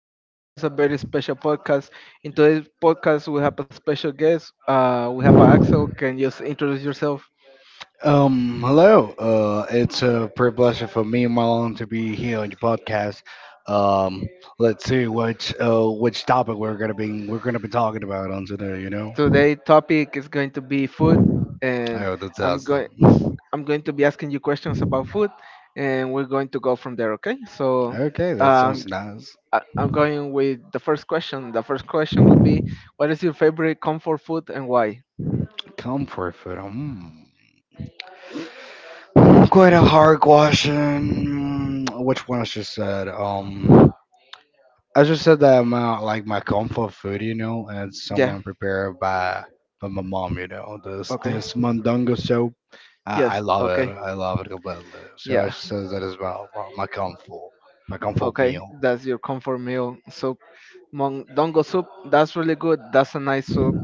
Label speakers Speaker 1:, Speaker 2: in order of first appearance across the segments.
Speaker 1: Today's podcast is a very special podcast. In today's podcast, we have a special guest. We have Axel. Can you introduce yourself?
Speaker 2: Hello. It's a pure pleasure for me, Marlon, to be here on your podcast. Um, let's see which topic we're gonna be talking about on today. You know.
Speaker 1: Today's topic is going to be food, and
Speaker 2: Oh, that's
Speaker 1: I'm going
Speaker 2: awesome.
Speaker 1: I'm going to be asking you questions about food, and we're going to go from there. Okay? So,
Speaker 2: Okay, that
Speaker 1: um,
Speaker 2: sounds nice.
Speaker 1: I'm going with the first question. The first question would be, what is your favorite comfort food and why?
Speaker 2: Comfort food. Hmm. Quite a hard question. Which one I just said? I just said that I'm out like my comfort food, you know, and it's
Speaker 1: Yeah.
Speaker 2: someone prepared by my mom, you know. This
Speaker 1: Okay.
Speaker 2: this mandungo soup, I
Speaker 1: Yes.
Speaker 2: love it.
Speaker 1: Okay.
Speaker 2: I love it completely. So I
Speaker 1: Yeah.
Speaker 2: just said that as well. My comfort
Speaker 1: Okay,
Speaker 2: meal.
Speaker 1: that's your comfort meal soup. Dongo soup, that's really good. That's a nice soup.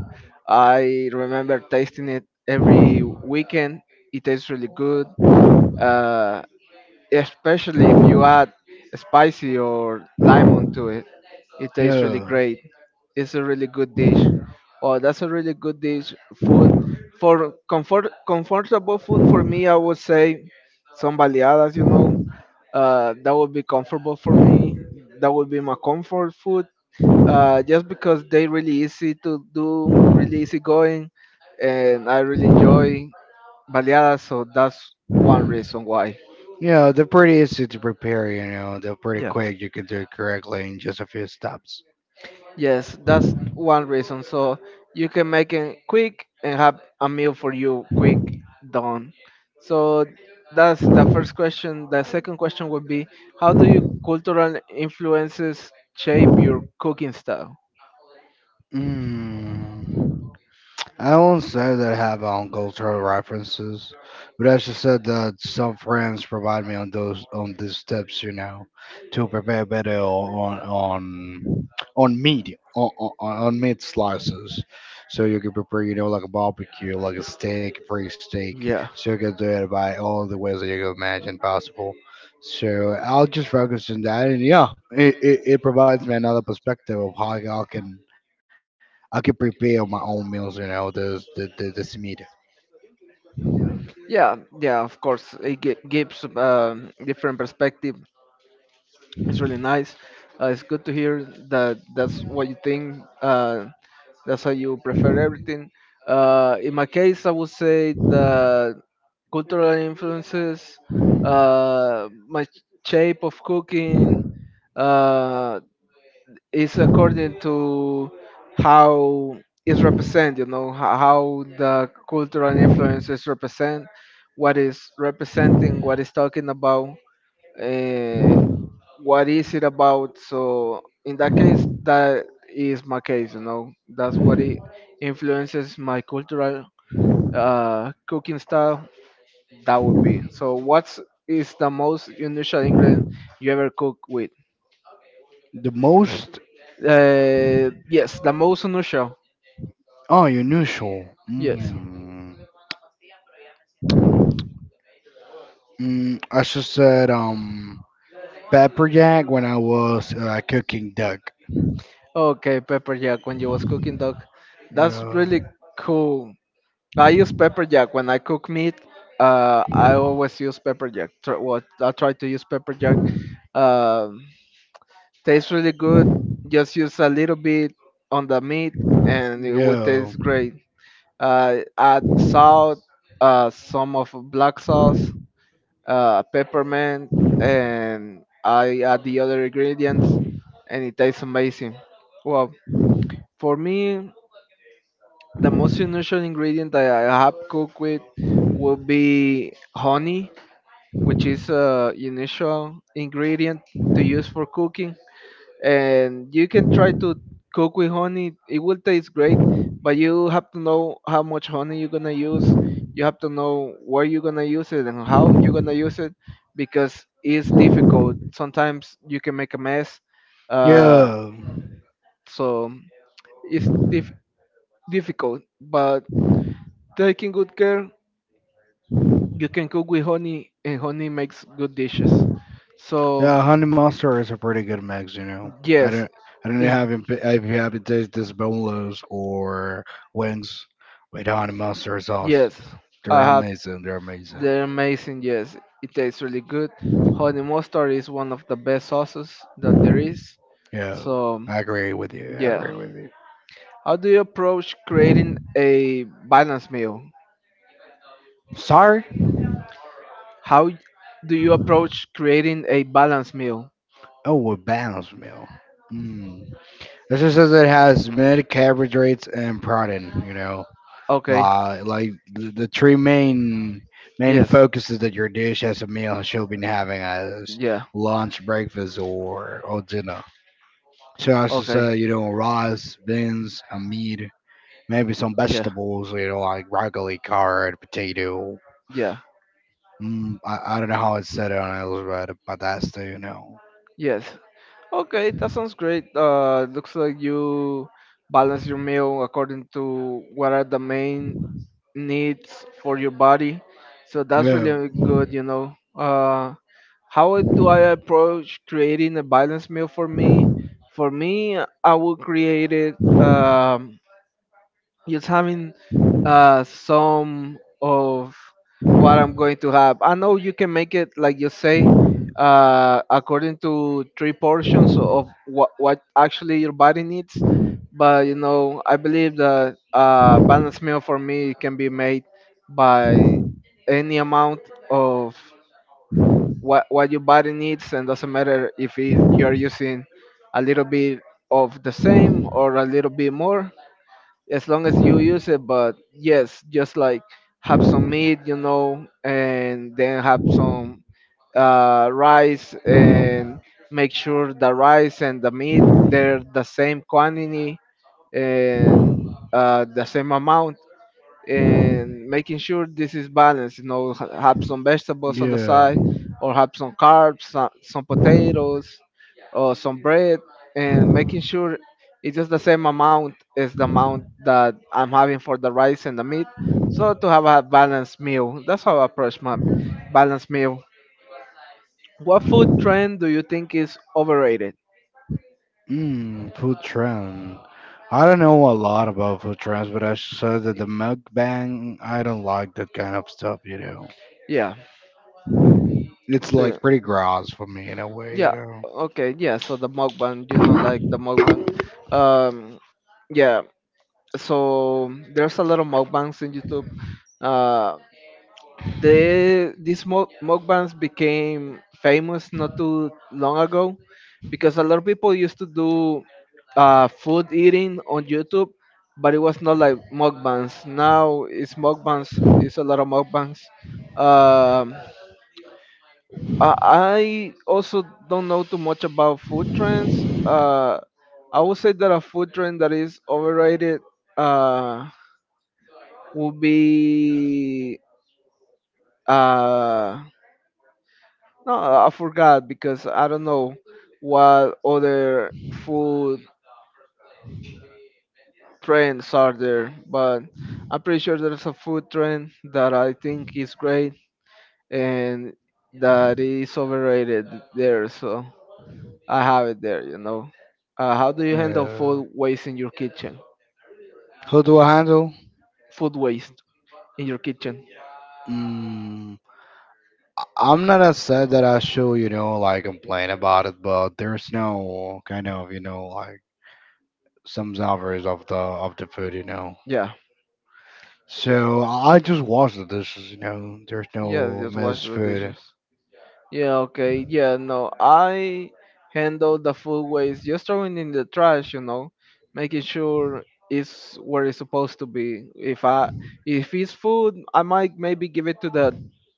Speaker 1: I remember tasting it every weekend. It tastes really good, uh, especially if you add spicy or lemon to it. It tastes really
Speaker 2: Yeah.
Speaker 1: great. It's a really good dish. Oh, that's a really good dish. Food for comfort, comfortable food for me, I would say some baleadas, that would be comfortable for me. That would be my comfort food. Just because they really easy to do, really easy going, and I really enjoy baleadas. So that's one reason why.
Speaker 2: Yeah, they're pretty easy to prepare, you know, they're pretty
Speaker 1: Yeah.
Speaker 2: quick. You can do it correctly in just a few steps.
Speaker 1: Yes, that's one reason. So you can make it quick and have a meal for you quick done. So that's the first question. The second question would be, how do you cultural influences shape your cooking style?
Speaker 2: Mm. I won't say that I have on cultural references, but I just said that some friends provide me on those on these tips, you know, to prepare better on meat on meat slices, so you can prepare, you know, like a barbecue, like a steak, free steak,
Speaker 1: Yeah.
Speaker 2: so you can do it by all the ways that you can imagine possible. So I'll just focus on that, and yeah, it provides me another perspective of how I can prepare my own meals. You know, this meat.
Speaker 1: Yeah, yeah, of course. It gives different perspective. It's really nice. It's good to hear that that's what you think. That's how you prefer everything. In my case, I would say the cultural influences, my shape of cooking, uh, it's according to how it's represent, you know, how the cultural influences represent, what is representing, what is talking about, uh, what is it about. So in that case, that is my case, you know, that's what it influences my cultural cooking style, that would be. So what's is the most unusual ingredient you ever cook with?
Speaker 2: The most
Speaker 1: Yes, the most unusual.
Speaker 2: oh unusual.
Speaker 1: Yes.
Speaker 2: Mm. Mm, I just said pepper jack when I was cooking duck.
Speaker 1: Okay, pepper jack when you was cooking dog. That's
Speaker 2: Yeah.
Speaker 1: really cool. I use pepper jack when I cook meat. I always use pepper jack. Well, I try to use pepper jack. Um, tastes really good. Just use a little bit on the meat, and it would
Speaker 2: Yeah.
Speaker 1: taste great. Add salt, some of black sauce, peppermint, and I add the other ingredients, and it tastes amazing. Well, for me, the most unusual ingredient that I have cooked with will be honey, which is a unusual ingredient to use for cooking. And you can try to cook with honey; it will taste great, but you have to know how much honey you're gonna use. You have to know where you're gonna use it and how you're gonna use it, because it's difficult. Sometimes you can make a mess, uh,
Speaker 2: Yeah.
Speaker 1: so it's difficult. But taking good care, you can cook with honey, and honey makes good dishes. So
Speaker 2: Yeah, Honey Monster is a pretty good mix, you know. I
Speaker 1: yes,
Speaker 2: don't I don't know
Speaker 1: it's
Speaker 2: how if you have to taste this boneless or wings with Honey Monster sauce.
Speaker 1: yes,
Speaker 2: They're
Speaker 1: I have.
Speaker 2: amazing, they're amazing.
Speaker 1: They're amazing, yes. It tastes really good. Honey mustard is one of the best sauces that there is.
Speaker 2: Yeah.
Speaker 1: So
Speaker 2: I agree with you. I
Speaker 1: yeah,
Speaker 2: agree with
Speaker 1: how do you approach creating
Speaker 2: you.
Speaker 1: a balanced meal?
Speaker 2: Sorry?
Speaker 1: How do you approach creating a balanced meal?
Speaker 2: Oh, a balanced meal. Mm. This just says it has mid carbohydrates and protein. You know,
Speaker 1: Okay,
Speaker 2: like the three main
Speaker 1: yes,
Speaker 2: focuses that your dish as a meal should be having as
Speaker 1: yeah.
Speaker 2: lunch, breakfast, or dinner. So I should
Speaker 1: Okay.
Speaker 2: say you know rice, beans, and meat, maybe some
Speaker 1: Yeah.
Speaker 2: vegetables. You know, like broccoli, carrot, potato.
Speaker 1: Yeah.
Speaker 2: Mm, I don't know how it's said on Elizabeth, but that's the you know.
Speaker 1: Yes. Okay, that sounds great. Looks like you balance your meal according to what are the main needs for your body. So that's
Speaker 2: Yeah.
Speaker 1: really good, you know. How do I approach creating a balanced meal for me? For me, I will create it. Just having some of what I'm going to have. I know you can make it like you say, according to three portions of what actually your body needs. But you know, I believe that balanced meal for me can be made by any amount of what your body needs, and doesn't matter if it, you're using a little bit of the same or a little bit more, as long as you use it. But yes, just like have some meat, you know, and then have some rice, and make sure the rice and the meat they're the same quantity, and the same amount, and making sure this is balanced. You know, have some vegetables on the
Speaker 2: Yeah.
Speaker 1: side, or have some carbs, some potatoes, or some bread, and making sure it's just the same amount as the amount that I'm having for the rice and the meat. So to have a balanced meal, that's how I approach my balanced meal. What food trend do you think is overrated?
Speaker 2: Mm, food trend. I don't know a lot about food trends, but I saw that the mukbang, I don't like that kind of stuff, you know.
Speaker 1: Yeah.
Speaker 2: It's
Speaker 1: So
Speaker 2: like pretty gross for me in a way, you
Speaker 1: yeah.
Speaker 2: know.
Speaker 1: Okay. Yeah. So the mukbang, you know, like the mukbang. Um. Yeah. So there's a lot of mukbangs in YouTube. Uh, these mukbangs became famous not too long ago because a lot of people used to do food eating on YouTube, but it was not like mukbangs. Now it's mukbangs. It's a lot of mukbangs. Um, I I also don't know too much about food trends. I would say that a food trend that is overrated. Uh, will be uh no, I forgot, because I don't know what other food trends are there, but I'm pretty sure there's a food trend that I think is great and that is overrated there, so I have it there, you know. How do you handle
Speaker 2: Yeah.
Speaker 1: food waste in your kitchen?
Speaker 2: Who do I handle?
Speaker 1: Food waste in your kitchen.
Speaker 2: Mm, I'm not as sad that I should, you know, like complain about it, but there's no kind of, you know, like some savors of the food, you know.
Speaker 1: Yeah. Y-
Speaker 2: So I just wash the dishes. You know, there's
Speaker 1: yes,
Speaker 2: no
Speaker 1: just wash
Speaker 2: mess
Speaker 1: the
Speaker 2: food.
Speaker 1: dishes. Yeah, okay. Yeah, no. I handle the food waste, just throwing in the trash, you know, making sure it's where it's supposed to be. If it's food, I might maybe give it to the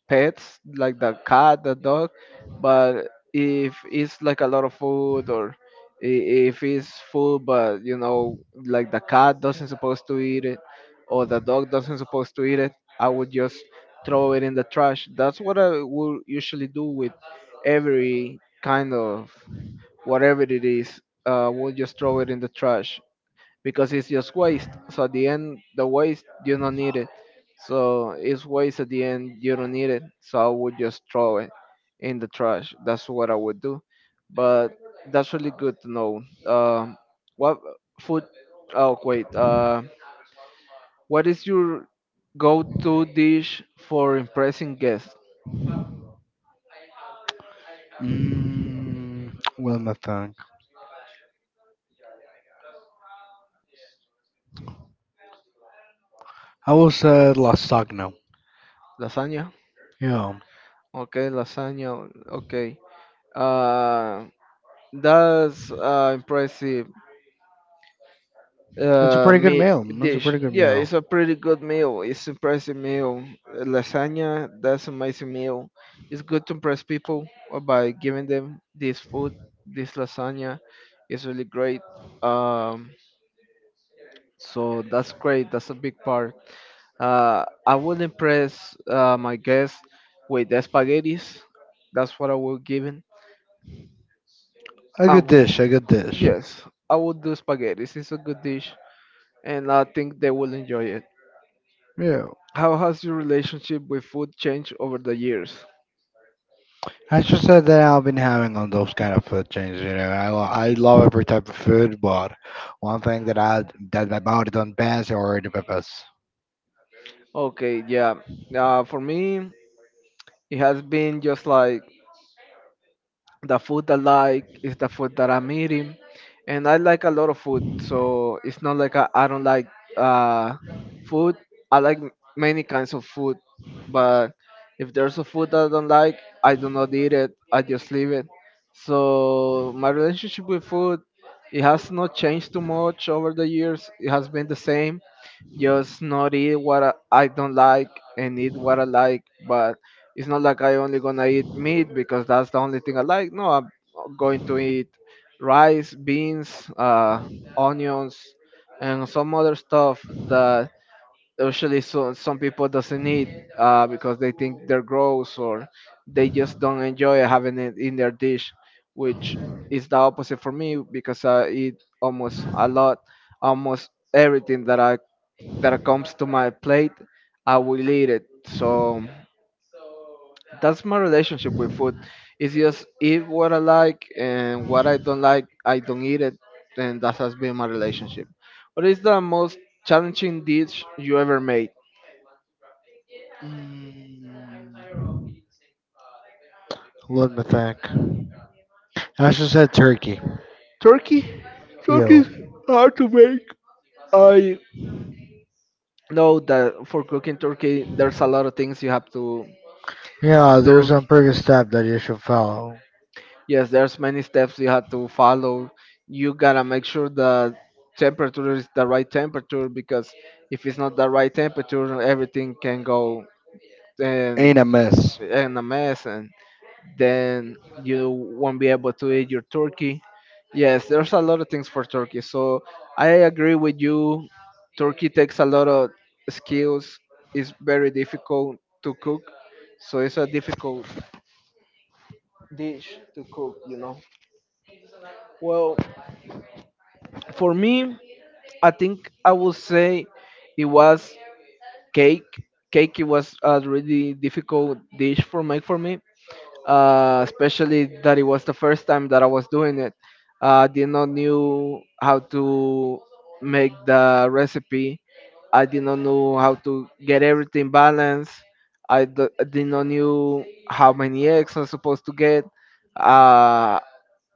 Speaker 1: pets, like the cat, the dog, but if it's like a lot of food, or i- if it's food but, you know, like the cat doesn't supposed to eat it or the dog doesn't supposed to eat it, I would just throw it in the trash. That's what I will usually do with every kind of whatever it is. We'll just throw it in the trash because it's just waste. So at the end, the waste you don't need it. So it's waste at the end you don't need it. So I would just throw it in the trash. That's what I would do. But that's really good to know. Um, what food? Oh wait. What is your go-to dish for impressing guests?
Speaker 2: Mm, let I think. I will say lasagna.
Speaker 1: Lasagna.
Speaker 2: Yeah,
Speaker 1: Okay, lasagna. Okay. Uh, that's impressive
Speaker 2: it's a
Speaker 1: uh,
Speaker 2: pretty good
Speaker 1: me-
Speaker 2: meal. It's a
Speaker 1: dish.
Speaker 2: pretty good
Speaker 1: Yeah,
Speaker 2: meal.
Speaker 1: it's a pretty good meal. It's impressive meal. Lasagna. That's amazing meal. It's good to impress people by giving them this food. This lasagna is really great. Um, so that's great. That's a big part. I
Speaker 2: I'm
Speaker 1: would
Speaker 2: impressed
Speaker 1: impress my
Speaker 2: yes,
Speaker 1: guests
Speaker 2: with
Speaker 1: with the
Speaker 2: that.
Speaker 1: spaghettis.
Speaker 2: That's
Speaker 1: That's what I
Speaker 2: what I
Speaker 1: will
Speaker 2: will
Speaker 1: give.
Speaker 2: A
Speaker 1: I
Speaker 2: good
Speaker 1: will.
Speaker 2: dish, a good dish.
Speaker 1: Yes, I will do spaghetti. It's a good dish, and I think they will enjoy it.
Speaker 2: Yeah.
Speaker 1: How has your relationship with food changed over the years?
Speaker 2: I just said that I've been having on those kind of food chains. You know, I love every type of food, but one thing that my body don't pass are the peppers.
Speaker 1: Okay, yeah. For me, it has been just like the food I like is the food that I'm eating, and I like a lot of food. So it's not like I don't like uh, food. I like many kinds of food, but if there's a food that I don't like, I do not eat it. I just leave it. So my relationship with food, it has not changed too much over the years. It has been the same, just not eat what I don't like and eat what I like. But it's not like I only gonna eat meat because that's the only thing I like. No, I'm going to eat rice, beans, onions, and some other stuff that usually so, some people doesn't eat, because they think they're gross or they just don't enjoy having it in their dish, which is the opposite for me, because I eat almost a lot, almost everything that comes to my plate, I will eat it. So that's my relationship with food. It's just eat what I like, and what I don't like I don't eat it. And that has been my relationship. What is the most challenging dish you ever made?
Speaker 2: Mm, let me think. I should said turkey.
Speaker 1: Turkey. Turkey
Speaker 2: Yo.
Speaker 1: is hard to make. I know that for cooking turkey, there's a lot of things you have to
Speaker 2: Yeah, there's
Speaker 1: do.
Speaker 2: some previous step that you should follow.
Speaker 1: Yes, there's many steps you have to follow. You gotta make sure the temperature is the right temperature, because if it's not the right temperature, everything can go and
Speaker 2: Ain't a mess.
Speaker 1: in a mess. And then you won't be able to eat your turkey. Yes, there's a lot of things for turkey. So I agree with you. Turkey takes a lot of skills. It's very difficult to cook. So it's a difficult dish to cook, you know. Well, for me, I think I would say it was cake. Cake, it was a really difficult dish for make for me, especially that it was the first time that I was doing it. I did not knew how to make the recipe. I did not know how to get everything balanced. I did not knew how many eggs I'm supposed to get. Uh,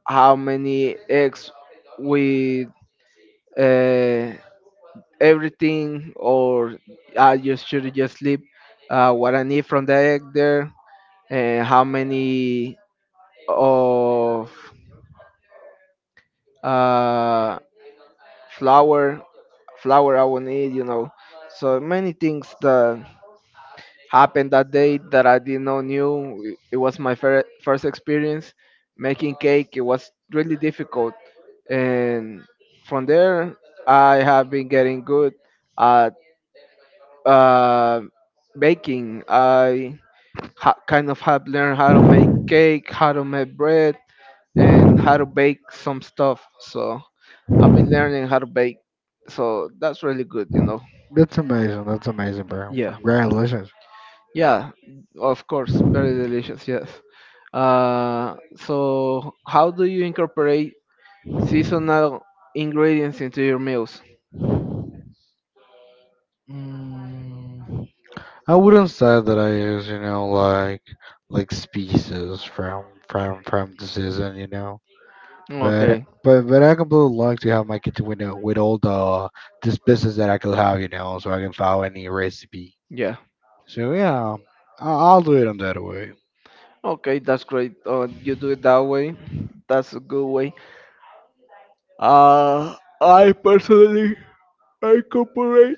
Speaker 1: how many eggs with uh, everything, or I just should just leave what I need from the egg there, and how many of uh, flour, flour I will need, you know. So many things that happened that day that I did not knew. It was my first experience making cake. It was really difficult, and from there I have been getting good at uh, baking. I kind of have learned how to make cake, how to make bread, and how to bake some stuff. So. I've been learning how to bake, so that's really good.
Speaker 2: That's amazing. That's amazing, bro.
Speaker 1: Yeah,
Speaker 2: Congratulations.
Speaker 1: yeah, of course, very delicious. Yes. So how do you incorporate seasonal ingredients into your meals?
Speaker 2: Mm, I wouldn't say that I use, you know, like species from the season, you know. But
Speaker 1: Okay,
Speaker 2: but but I completely like to have my kitchen window with all the species that I could have, you know, so I can follow any recipe.
Speaker 1: yeah.
Speaker 2: So yeah, I'll do it on that way.
Speaker 1: Okay, that's great. You do it that way. That's a good way. Uh, I personally incorporate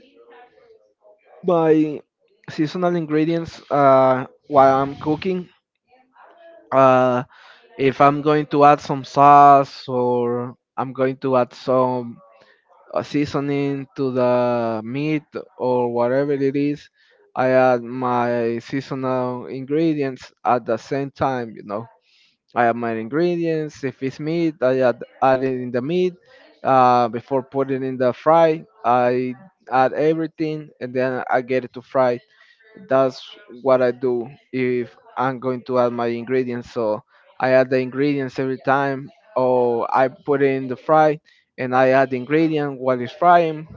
Speaker 1: my seasonal ingredients while I'm cooking. Uh, if I'm going to add some sauce or I'm going to add some seasoning to the meat or whatever it is, I add my seasonal ingredients at the same time, you know. I add my ingredients. If it's meat, I add it in the meat. Before putting in the fry, I add everything and then I get it to fry, that's what I do if I'm going to add my ingredients. So I add the ingredients every time, or I put it in the fry and I add the ingredient while it's frying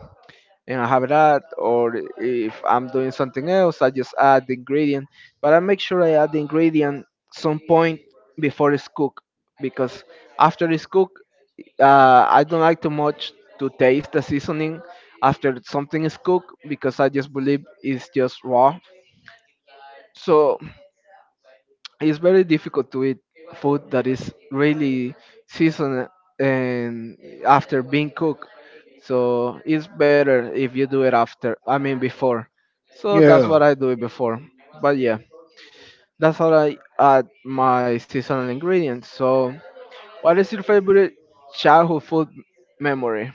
Speaker 1: and I have it add. Or if I'm doing something else, I just add the ingredient. But I make sure I add the ingredient some point before it's cooked, because after it's cooked, I don't like too much to taste the seasoning after something is cooked, because I just believe it's just raw, so it's very difficult to eat food that is really seasoned and after being cooked. So it's better if you do it after, I mean before. So that's
Speaker 2: Yeah.
Speaker 1: what I do, it before. But yeah, that's how I add my seasonal ingredients. So what is your favorite childhood food memory?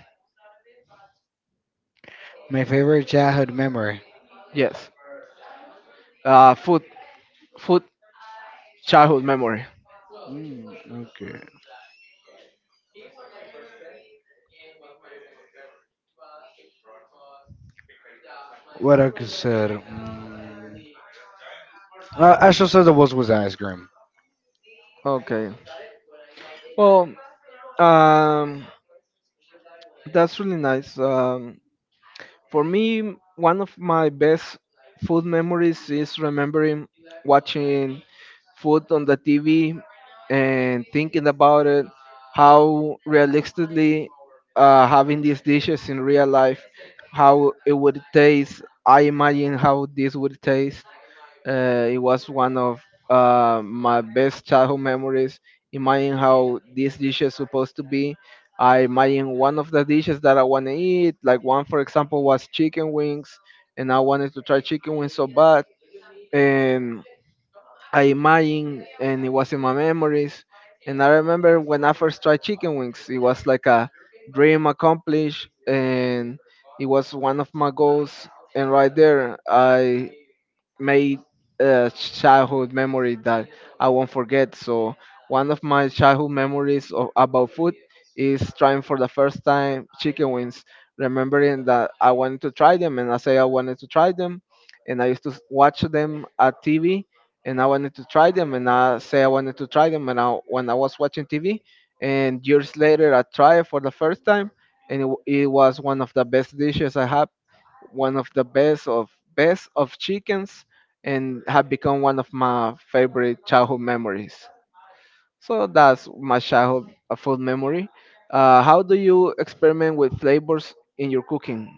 Speaker 2: My favorite childhood memory.
Speaker 1: Yes. Food, food, childhood memory.
Speaker 2: Mm, okay. What I could said. Mm, I should said the was with ice cream.
Speaker 1: Okay. Well, um that's really nice. For me, one of my best food memories is remembering watching food on the TV and thinking about it, how realistically, having these dishes in real life, how it would taste. I imagine how this would taste. It was one of my best childhood memories. Imagine how these dishes supposed to be. I imagine one of the dishes that I want to eat. Like one, for example, was chicken wings, and I wanted to try chicken wings so bad. And I imagine, and it was in my memories. And I remember when I first tried chicken wings, it was like a dream accomplished, and it was one of my goals. And right there, I made a childhood memory that I won't forget. So one of my childhood memories of, about food is trying for the first time chicken wings. Remembering that I wanted to try them, and I say I wanted to try them, and I used to watch them at TV, and I wanted to try them, and I say I wanted to try them, and I, when I was watching TV, and years later I tried it for the first time, and it, it was one of the best dishes I had, one of the best of chickens, and have become one of my favorite childhood memories. So that's my childhood food memory. How do you experiment with flavors in your cooking?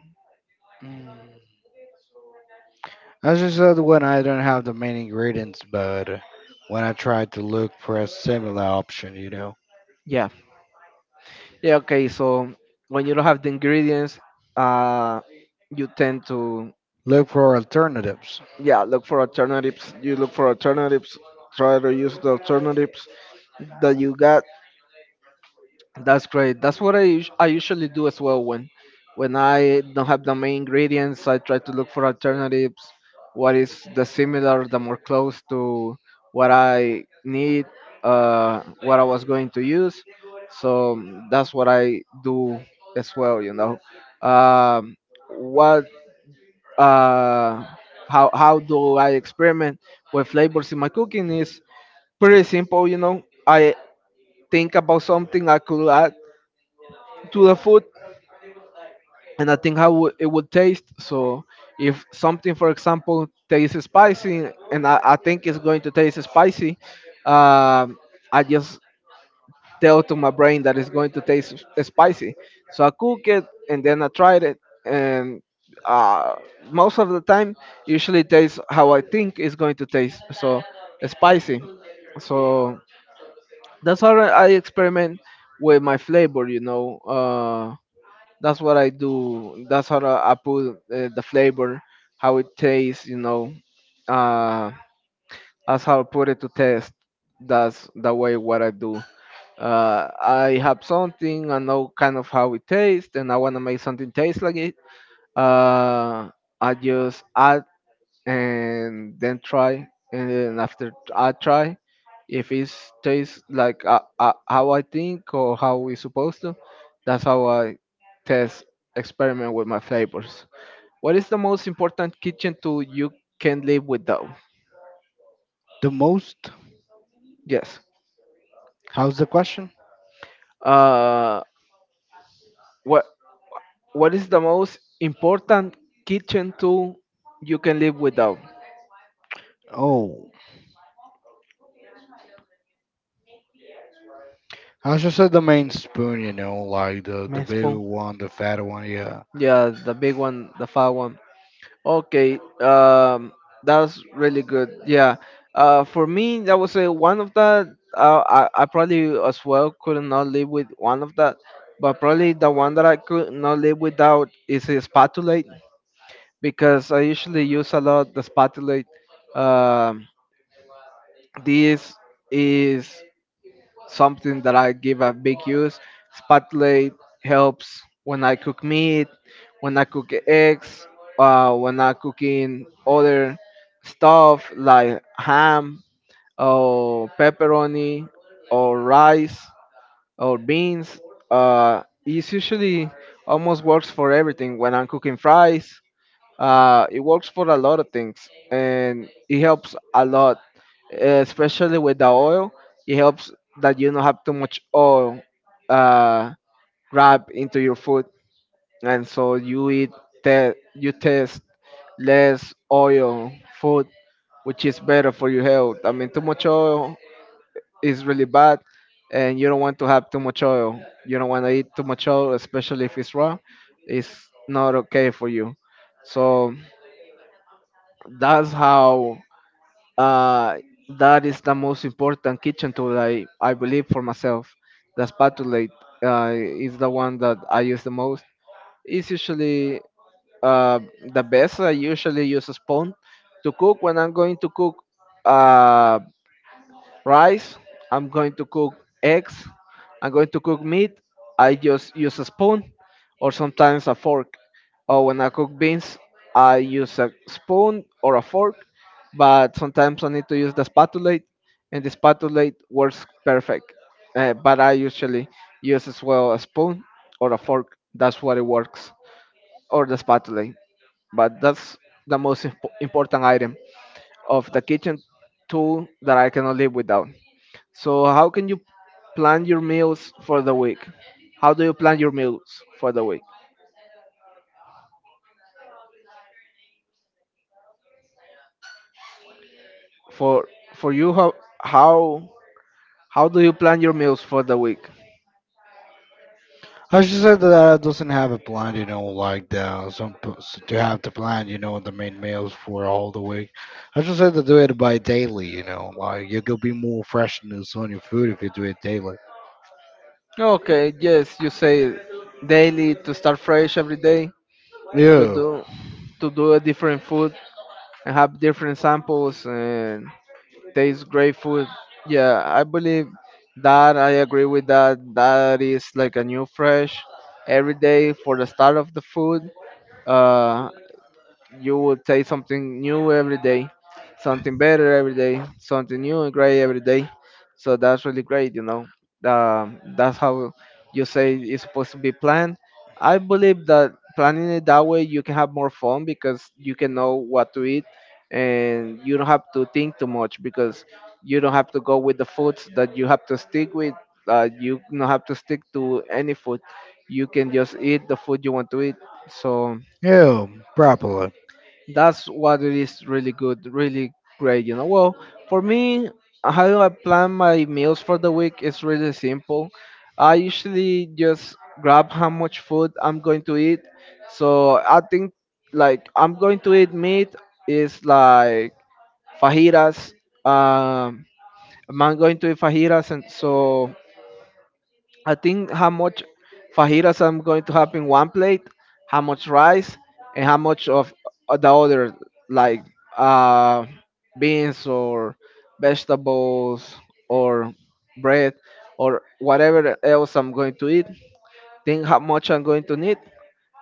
Speaker 2: Mm. I just said when I don't have the main ingredients, but when I try to look for a similar option, you know,
Speaker 1: Yeah. Yeah, okay. So when you don't have the ingredients, uh, you tend to,
Speaker 2: look for alternatives.
Speaker 1: yeah, look for alternatives. You look for alternatives. Try to use the alternatives that you got. That's great. That's what I I usually do as well, when I don't have the main ingredients. I try to look for alternatives. What is the similar, the more close to what I need, what I was going to use. So mm, that's what I do as well. You know, um, what uh, how do I experiment with flavors in my cooking is pretty simple. You know, I think about something I could add to the food and I think how it would taste. So if something, for example, tastes spicy, and I think it's going to taste spicy, um, I just tell to my brain that it's going to taste spicy. So I cook it, and then I tried it, and uh, most of the time, usually tastes how I think it's going to taste. So spicy. So that's how I experiment with my flavor. You know. That's what I do. That's how I put the flavor, how it tastes. You know, uh, that's how I put it to test. That's the way what I do. I have something. I know kind of how it tastes, and I want to make something taste like it. Uh, I just add and then try, and then after I try, if it tastes like how I think or how we supposed to, that's how I test, experiment with my flavors. What is the most important kitchen tool you can live without?
Speaker 2: The most?
Speaker 1: Yes.
Speaker 2: How's the question?
Speaker 1: uh what what is the most important kitchen tool you can live without?
Speaker 2: Oh, I should said the main spoon, you know, like the
Speaker 1: Man
Speaker 2: big
Speaker 1: spoon,
Speaker 2: one, the fat one, yeah.
Speaker 1: yeah, the big one, the fat one. Okay, that's really good. Yeah, for me, that was a one of that. I probably as well could not live with one of that, but probably the one that I could not live without is a spatulate, because I usually use a lot the spatulate. Um, this is something that I give a big use. Spotlight helps when I cook meat, when I cook eggs, when I cooking other stuff like ham or pepperoni or rice or beans. It usually almost works for everything. When I'm cooking fries, it works for a lot of things, and it helps a lot, eh, especially with the oil. It helps that you don't have too much oil uh, grab into your food, and so you eat you taste less oil food, which is better for your health. I mean, too much oil is really bad, and you don't want to have too much oil. You don't want to eat too much oil, especially if it's raw. It's not okay for you. So that's how uh, that is the most important kitchen tool I believe for myself. The spatula is the one that I use the most. It's usually uh, the best. I usually use a spoon to cook when I'm going to cook. Uh, Rice. I'm going to cook eggs. I'm going to cook meat. I just use a spoon or sometimes a fork. Or when I cook beans, I use a spoon or a fork. But sometimes I need to use the spatulate, and the spatulate works perfect. But I usually use as well a spoon or a fork. That's what it works, or the spatulate. But that's the most important item of the kitchen tool that I cannot live without. So, how can you plan your meals for the week? How do you plan your meals for the week? For for you, how how do you plan your meals for the week?
Speaker 2: I just said that I doesn't have a plan, you know, like the some to have the plan, you know, the main meals for all the week. I just said to do it by daily, you know, like you could be more freshness on your food if you do it daily.
Speaker 1: Okay, yes, you say daily, to start fresh every day, to
Speaker 2: Yeah,
Speaker 1: do to do a different food and have different samples and tastes great food. Yeah, I believe that. I agree with that. That is like a new fresh every day for the start of the food. Uh, you will taste something new every day, something better every day, something new and great every day. So that's really great, you know. That's how you say it's supposed to be planned. I believe that planning it that way, you can have more fun because you can know what to eat and you don't have to think too much because you don't have to go with the foods that you have to stick with. You don't have to stick to any food. You can just eat the food you want to eat. So
Speaker 2: yeah, properly.
Speaker 1: that's what it is, really good, really great, you know. Well, for me, how I plan my meals for the week is really simple. I usually just grab how much food I'm going to eat. So I think, like, I'm going to eat meat, is like fajitas. um I'm going to eat fajitas, and so I think how much fajitas I'm going to have in one plate, how much rice, and how much of the other, like, uh, beans or vegetables or bread or whatever else I'm going to eat. Think how much I'm going to need,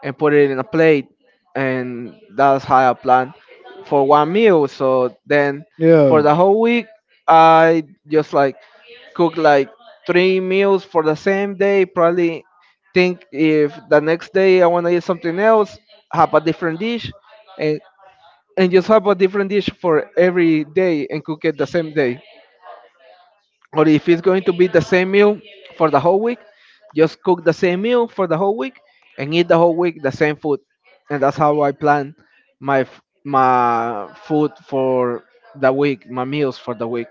Speaker 1: and put it in a plate, and that's how I plan for one meal. So then for
Speaker 2: Yeah,
Speaker 1: the whole week, I just like cook like three meals for the same day probably. Think if the next day I want to eat something else, have a different dish, and and just have a different dish for every day and cook it the same day. Or if it's going to be the same meal for the whole week, just cook the same meal for the whole week and eat the whole week the same food. And that's how I plan my my food for the week, my meals for the week.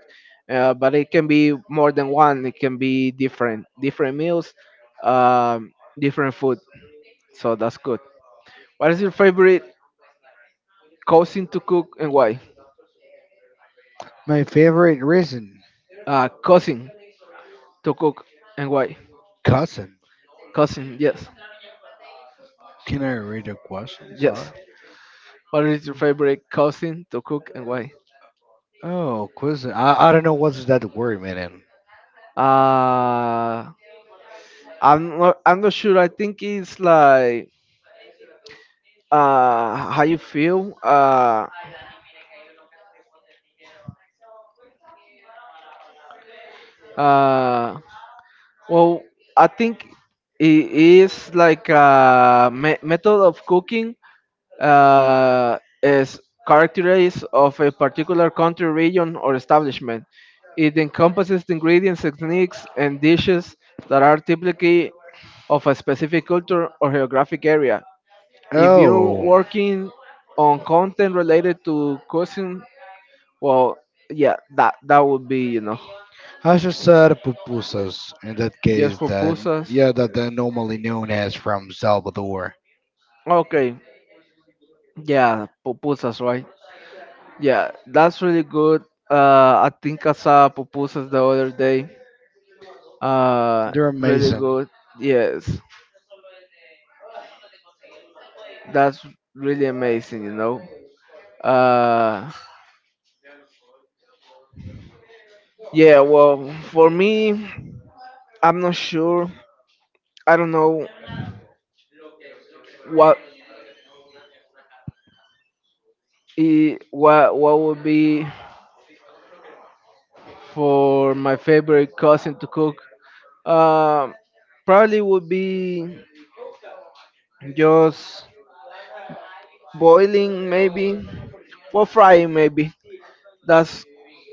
Speaker 1: But it can be more than one. It can be different different meals, um, different food. So that's good. What is your favorite cousin to cook and why?
Speaker 2: my favorite reason,
Speaker 1: Cousin to cook and why?
Speaker 2: cousin.
Speaker 1: Cousin, yes,
Speaker 2: Can I read a question?
Speaker 1: yes.
Speaker 2: Sorry.
Speaker 1: What is your favorite cuisine to cook and why?
Speaker 2: Oh, cousin. I don't know what's that word meaning.
Speaker 1: Uh, I'm not sure. I think it's like, how you feel. Uh. Well, I think it is like a method of cooking, is characterized of a particular country, region, or establishment. It encompasses the ingredients, techniques, and dishes that are typically of a specific culture or geographic area. If you're
Speaker 2: Oh.
Speaker 1: working on content related to cuisine, well, yeah, that would be, you know,
Speaker 2: I should say pupusas, in that case,
Speaker 1: just
Speaker 2: then,
Speaker 1: pupusas.
Speaker 2: yeah, that they're normally known as from Salvador.
Speaker 1: Okay. Yeah, pupusas, right? Yeah, that's really good. I think I saw pupusas the other day. Uh,
Speaker 2: They're
Speaker 1: Really
Speaker 2: amazing.
Speaker 1: good. Yes, that's really amazing, you know. Uh, yeah. Well, for me, I'm not sure. I don't know what I what would be for my favorite cousin to cook. Um, Probably would be just boiling maybe, for frying maybe. That's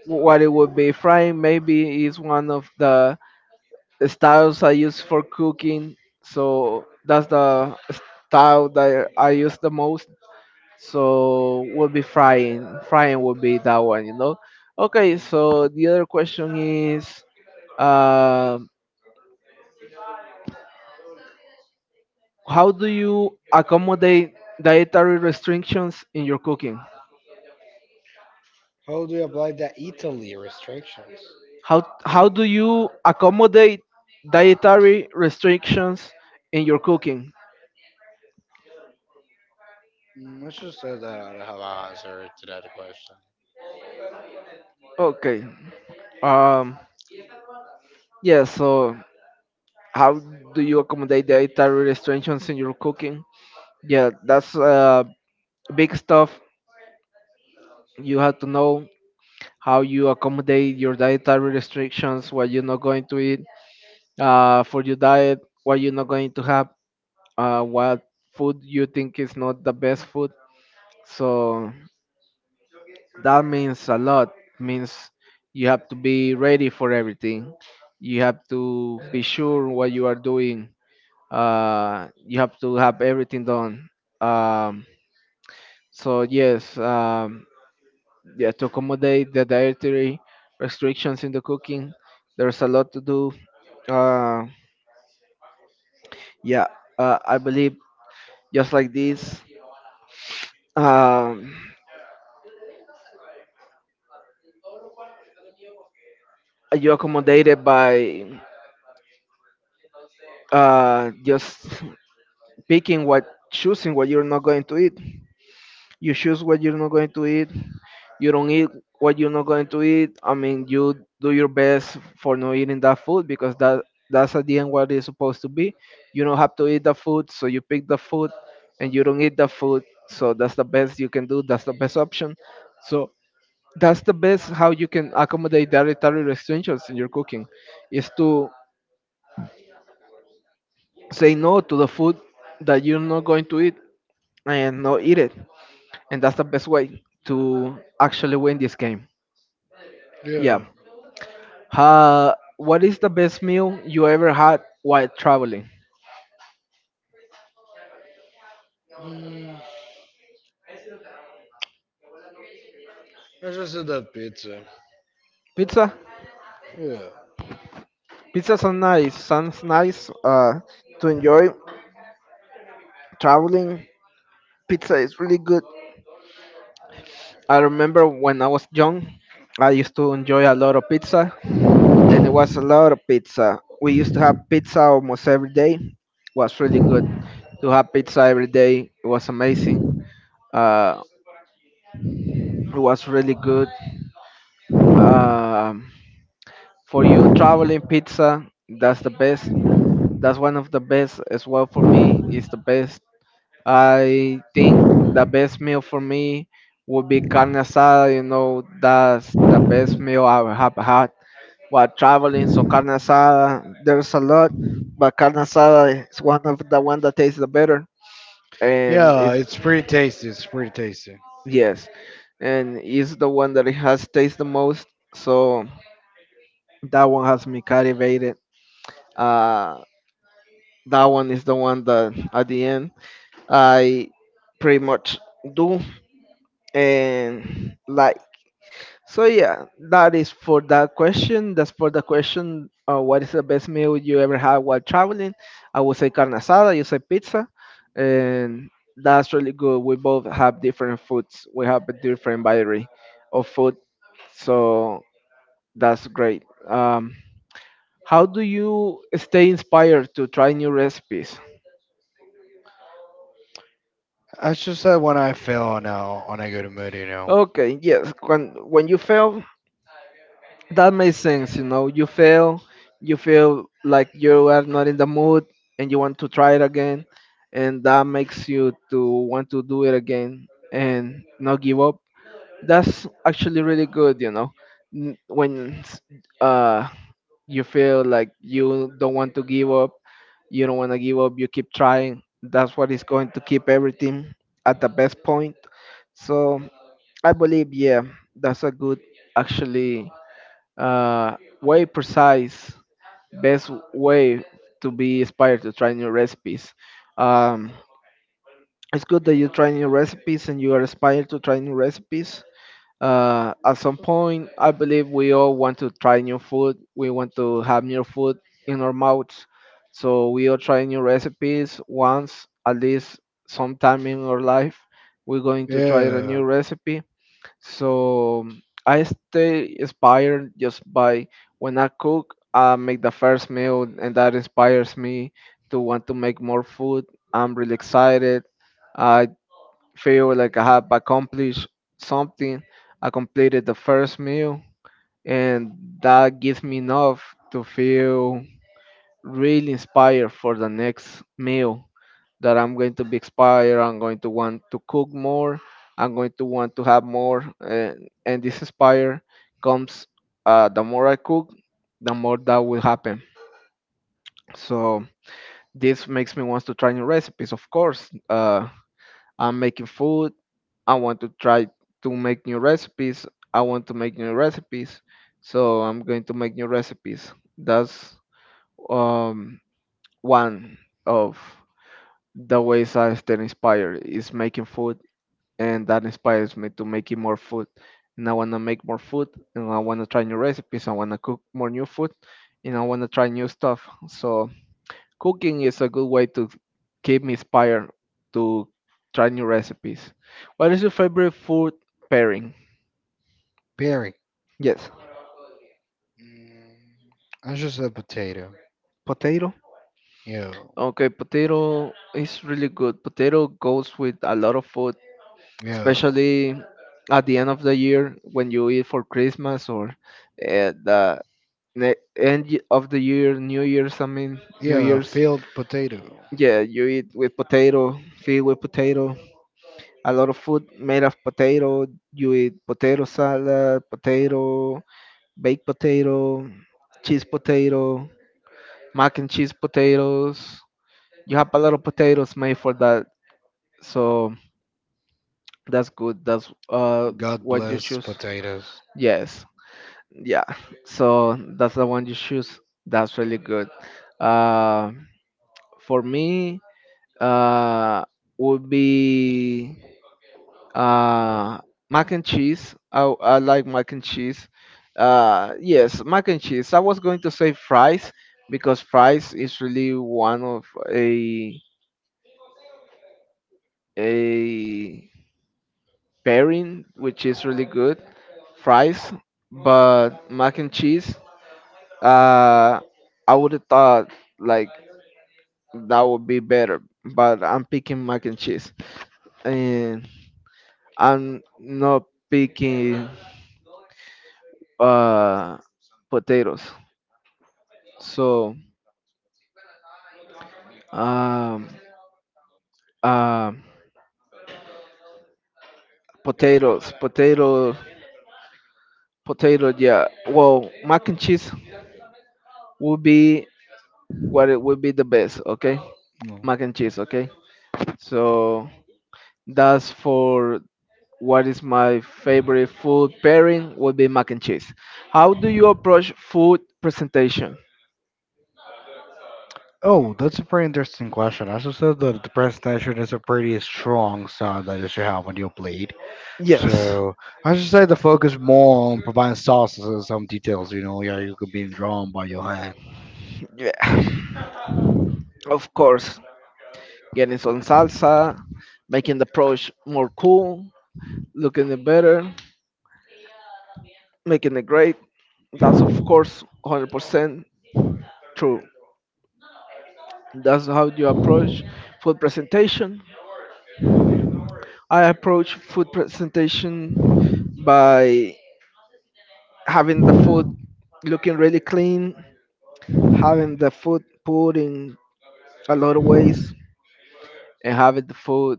Speaker 1: what it would be. Frying maybe is one of the styles I use for cooking, so that's the style that I use the most. So would be frying. Frying would be that one, you know. Okay, so the other question is, uh, how do you accommodate dietary restrictions in your cooking?
Speaker 2: How do you apply the Italy restrictions?
Speaker 1: How do you accommodate dietary restrictions in your cooking?
Speaker 2: Mm, I just say that I don't have an answer to that question.
Speaker 1: Okay. Um. Yeah. So how do you accommodate dietary restrictions in your cooking? Yeah, that's big stuff. You have to know how you accommodate your dietary restrictions, what you're not going to eat, for your diet, what you're not going to have, what food you think is not the best food. So that means a lot. Means you have to be ready for everything. You have to be sure what you are doing. You have to have everything done. um, so yes, yeah, to accommodate the dietary restrictions in the cooking, there's a lot to do. uh, yeah. I believe just like this. um, you accommodated by, just picking what choosing what you're not going to eat. You choose what you're not going to eat. You don't eat what you're not going to eat. I mean, you do your best for not eating that food, because that's at the end what it's supposed to be. You don't have to eat the food, so you pick the food and you don't eat the food. So that's the best you can do. That's the best option. So that's the best how you can accommodate dietary restrictions in your cooking, is to say no to the food that you're not going to eat and not eat it. And that's the best way to actually win this game. Yeah.
Speaker 2: Yeah.
Speaker 1: What is the best meal you ever had while traveling?
Speaker 2: Mm, I just said that pizza.
Speaker 1: Pizza.
Speaker 2: Yeah.
Speaker 1: Pizza sounds nice. Sounds nice. To enjoy traveling, pizza is really good. I remember when I was young, I used to enjoy a lot of pizza, and it was a lot of pizza. We used to have pizza almost every day. Was really good to have pizza every day. It was amazing. Uh, it was really good. Um, for you, traveling pizza, that's the best. That's one of the best as well for me. Is the best. I think the best meal for me would be carne asada. You know, that's the best meal I have had while traveling. So carne asada, there's a lot, but carne asada is one of the one that tastes the better, and
Speaker 2: Yeah,
Speaker 1: it's
Speaker 2: it's pretty tasty. It's pretty tasty.
Speaker 1: yes, and is the one that it has tastes the most. So that one has me captivated. Uh, that one is the one that at the end I pretty much do and like. So yeah, that is for that question. That's for the question. What is the best meal you ever had while traveling? I would say carne asada. You say pizza, and that's really good. We both have different foods. We have a different variety of food, so that's great. How do you stay inspired to try new recipes?
Speaker 2: I should say when I feel on a good mood, you know.
Speaker 1: Okay, yes. When you fail, that makes sense. You know, you fail, you feel like you are not in the mood, and you want to try it again, and that makes you to want to do it again and not give up. That's actually really good. You know, N- when s- uh you feel like you don't want to give up, you don't want to give up, you keep trying. That's what is going to keep everything at the best point. So I believe, yeah, that's a good, actually, way precise, best way to be inspired to try new recipes. Um, it's good that you try new recipes and you are inspired to try new recipes. At some point, I believe we all want to try new food. We want to have new food in our mouths. So we all try new recipes once, at least sometime in our life. We're going to try a
Speaker 2: Yeah,
Speaker 1: new recipe. So I stay inspired just by when I cook, I make the first meal, and that inspires me to want to make more food. I'm really excited. I feel like I have accomplished something. I completed the first meal, and that gives me enough to feel really inspired for the next meal. That I'm going to be inspired. I'm going to want to cook more. I'm going to want to have more. And this inspire comes, the more I cook, the more that will happen. So this makes me want to try new recipes. Of course, I'm making food. I want to try to make new recipes. I want to make new recipes. So I'm going to make new recipes. That's um, one of the ways I stay inspired is making food, and that inspires me to making more food. And I want to make more food, and I want to try new recipes. I want to cook more new food, and I want to try new stuff. So cooking is a good way to keep me inspired to try new recipes. What is your favorite food pairing?
Speaker 2: berry.
Speaker 1: Yes,
Speaker 2: Mm, I just a potato.
Speaker 1: potato.
Speaker 2: Yeah,
Speaker 1: Okay, potato is really good. Potato goes with a lot of food,
Speaker 2: yeah,
Speaker 1: especially at the end of the year when you eat for Christmas or, the end of the year, New Year's, I mean, New
Speaker 2: yeah.
Speaker 1: Year's.
Speaker 2: Filled potato.
Speaker 1: Yeah, you eat with potato, feed with potato, a lot of food made of potato. You eat potato salad, potato, baked potato, cheese potato, mac and cheese potatoes. You have a lot of potatoes made for that, so that's good. That's
Speaker 2: God
Speaker 1: what you
Speaker 2: bless
Speaker 1: choose.
Speaker 2: potatoes.
Speaker 1: Yes, yeah. So that's the one you choose. That's really good. Uh, for me, uh would be uh mac and cheese. I like mac and cheese. Yes, mac and cheese. I was going to say fries, because fries is really one of a a pairing which is really good, fries. But mac and cheese, uh I would have thought like that would be better, but I'm picking mac and cheese, and I'm not picking, uh, potatoes. So um, uh, potatoes, potato, potato. Yeah. Well, mac and cheese would be what it would be the best. Okay,
Speaker 2: No.
Speaker 1: mac and cheese. Okay. So that's for what is my favorite food pairing would be mac and cheese. How do you approach food presentation?
Speaker 2: Oh, that's a pretty interesting question. As I said, that the presentation is a pretty strong sound that you should have on your plate.
Speaker 1: Yes.
Speaker 2: So I should say the focus more on providing sauces and some details. You know, yeah, you could be drawn by your hand.
Speaker 1: Yeah. Of course. Getting some salsa, making the approach more cool, looking it better, making it great. That's of course 100% true. That's how you approach food presentation. I approach food presentation by having the food looking really clean, having the food put in a lot of ways, and having the food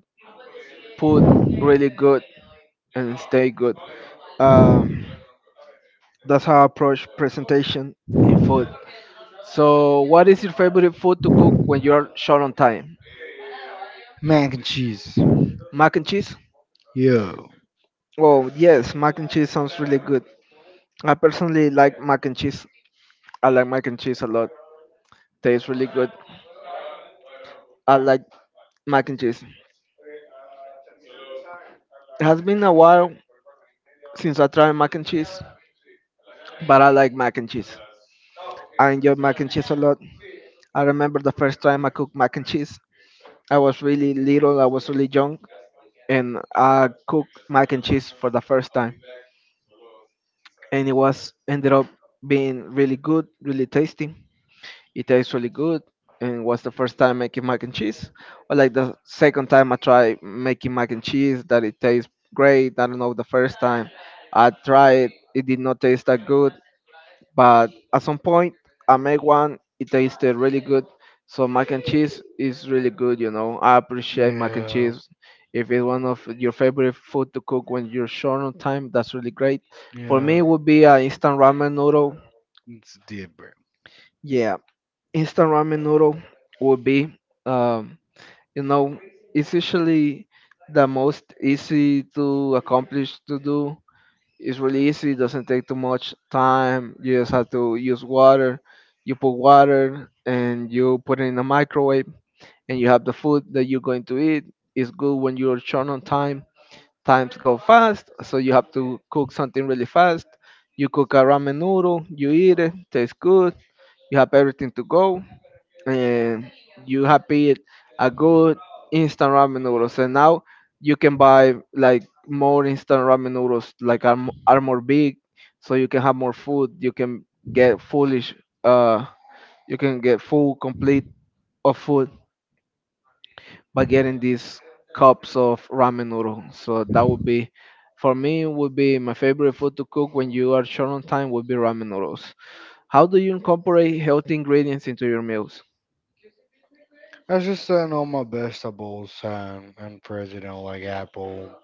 Speaker 1: put really good and stay good. Um, that's how I approach presentation in food. So, what is your favorite food to cook when you're short on time?
Speaker 2: Mac and cheese.
Speaker 1: Mac and cheese?
Speaker 2: Yeah.
Speaker 1: Oh, yes, mac and cheese sounds really good. I personally like mac and cheese. I like mac and cheese a lot. Tastes really good. I like mac and cheese. It has been a while since I tried mac and cheese, but I like mac and cheese. I enjoy mac and cheese a lot. I remember the first time I cooked mac and cheese. I was really little, I was really young, and I cooked mac and cheese for the first time. And it was ended up being really good, really tasty. It tastes really good, and was the first time making mac and cheese. Well, like the second time I tried making mac and cheese, that it tastes great. I don't know the first time I tried, it did not taste that good. But at some point, I make one. It tasted really good. So mac and cheese is really good. You know, I appreciate mac and
Speaker 2: Yeah.
Speaker 1: cheese. If it's one of your favorite food to cook when you're short on time, that's really great. For me,
Speaker 2: Yeah.
Speaker 1: it would be an instant ramen noodle.
Speaker 2: It's deep, bro.
Speaker 1: Yeah, instant ramen noodle would be, um, you know, it's usually the most easy to accomplish to do, it's really easy. It doesn't take too much time. You just have to use water. You put water and you put it in the microwave, and you have the food that you're going to eat. It's good when you're short on time. Times go fast, so you have to cook something really fast. You cook a ramen noodle. You eat it. Tastes good. You have everything to go, and you have paid a good instant ramen noodles, and now you can buy like more instant ramen noodles like are, are more big, so you can have more food, you can get foolish, uh you can get full complete of food by getting these cups of ramen noodle. So that would be, for me, would be my favorite food to cook when you are short on time, would be ramen noodles. How do you incorporate healthy ingredients into your meals?
Speaker 2: I just know my vegetables and fruits, you know, like apple,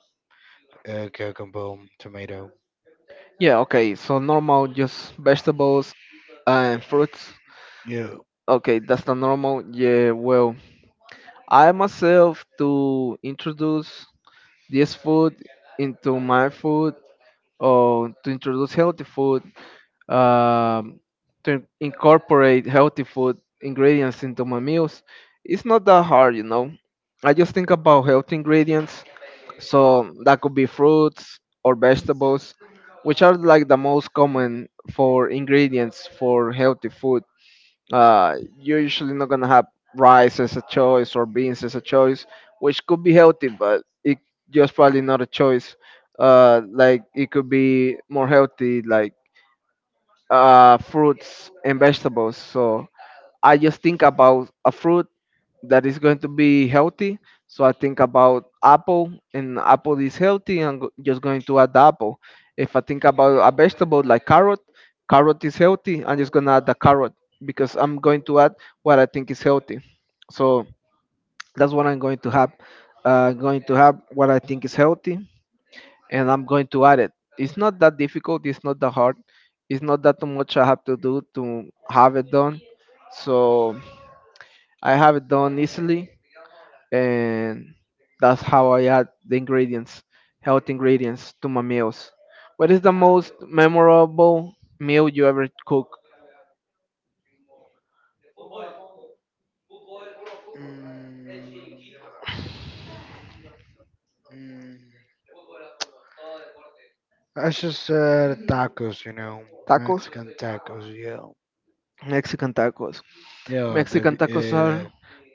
Speaker 2: cucumber, tomato.
Speaker 1: Yeah, okay. So normal, just vegetables and fruits.
Speaker 2: Yeah.
Speaker 1: Okay, that's the normal. Yeah, well, I myself to introduce this food into my food, or to introduce healthy food, um, to incorporate healthy food ingredients into my meals. It's not that hard, you know. I just think about healthy ingredients, so that could be fruits or vegetables, which are like the most common for ingredients for healthy food. You're usually not gonna have rice as a choice or beans as a choice, which could be healthy, but it just probably not a choice. Like it could be more healthy, like fruits and vegetables. So I just think about a fruit that is going to be healthy. So I think about apple, and apple is healthy. Just going to add the apple. If I think about a vegetable like carrot, carrot is healthy. I'm just gonna add the carrot, because I'm going to add what I think is healthy. So that's what I'm going to have. Going to have what I think is healthy, and I'm going to add it. It's not that difficult. It's not that hard. It's not that too much I have to do to have it done. So I have it done easily, and that's how I add the ingredients, health ingredients to my meals. What is the most memorable meal you ever cook?
Speaker 2: Mm, mm. I just tacos, you know,
Speaker 1: Tacos?
Speaker 2: Mexican tacos. Yeah.
Speaker 1: Mexican tacos.
Speaker 2: Yeah,
Speaker 1: Mexican tacos are,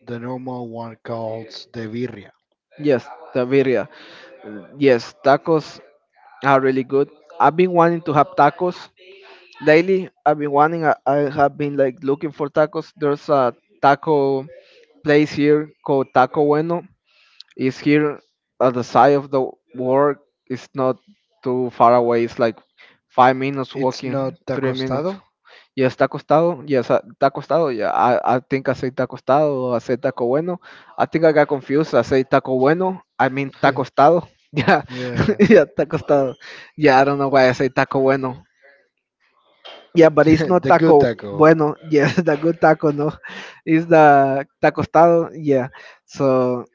Speaker 2: the normal one called the birria.
Speaker 1: yes, the birria. Yes, tacos are really good. I've been wanting to have tacos lately. I've been wanting. I have been like looking for tacos. There's a taco place here called Taco Bueno. Is here at the side of the work. It's not too far away. It's like 5 minutes
Speaker 2: It's not
Speaker 1: walking,
Speaker 2: the
Speaker 1: 3 minutes.
Speaker 2: costado.
Speaker 1: Yeah, está acostado. Yes, está acostado. Yeah, I think I said está acostado, or I said Taco Bueno. I think I got confused. I said Taco Bueno. I mean
Speaker 2: yeah,
Speaker 1: Taco Estado. Yeah, yeah, Taco Estado. Yeah, I don't know why I say Taco Bueno. Yeah, but it's not
Speaker 2: the good
Speaker 1: Taco
Speaker 2: taco.
Speaker 1: Bueno. Yes, the good taco, no. It's the Taco Estado. Yeah. So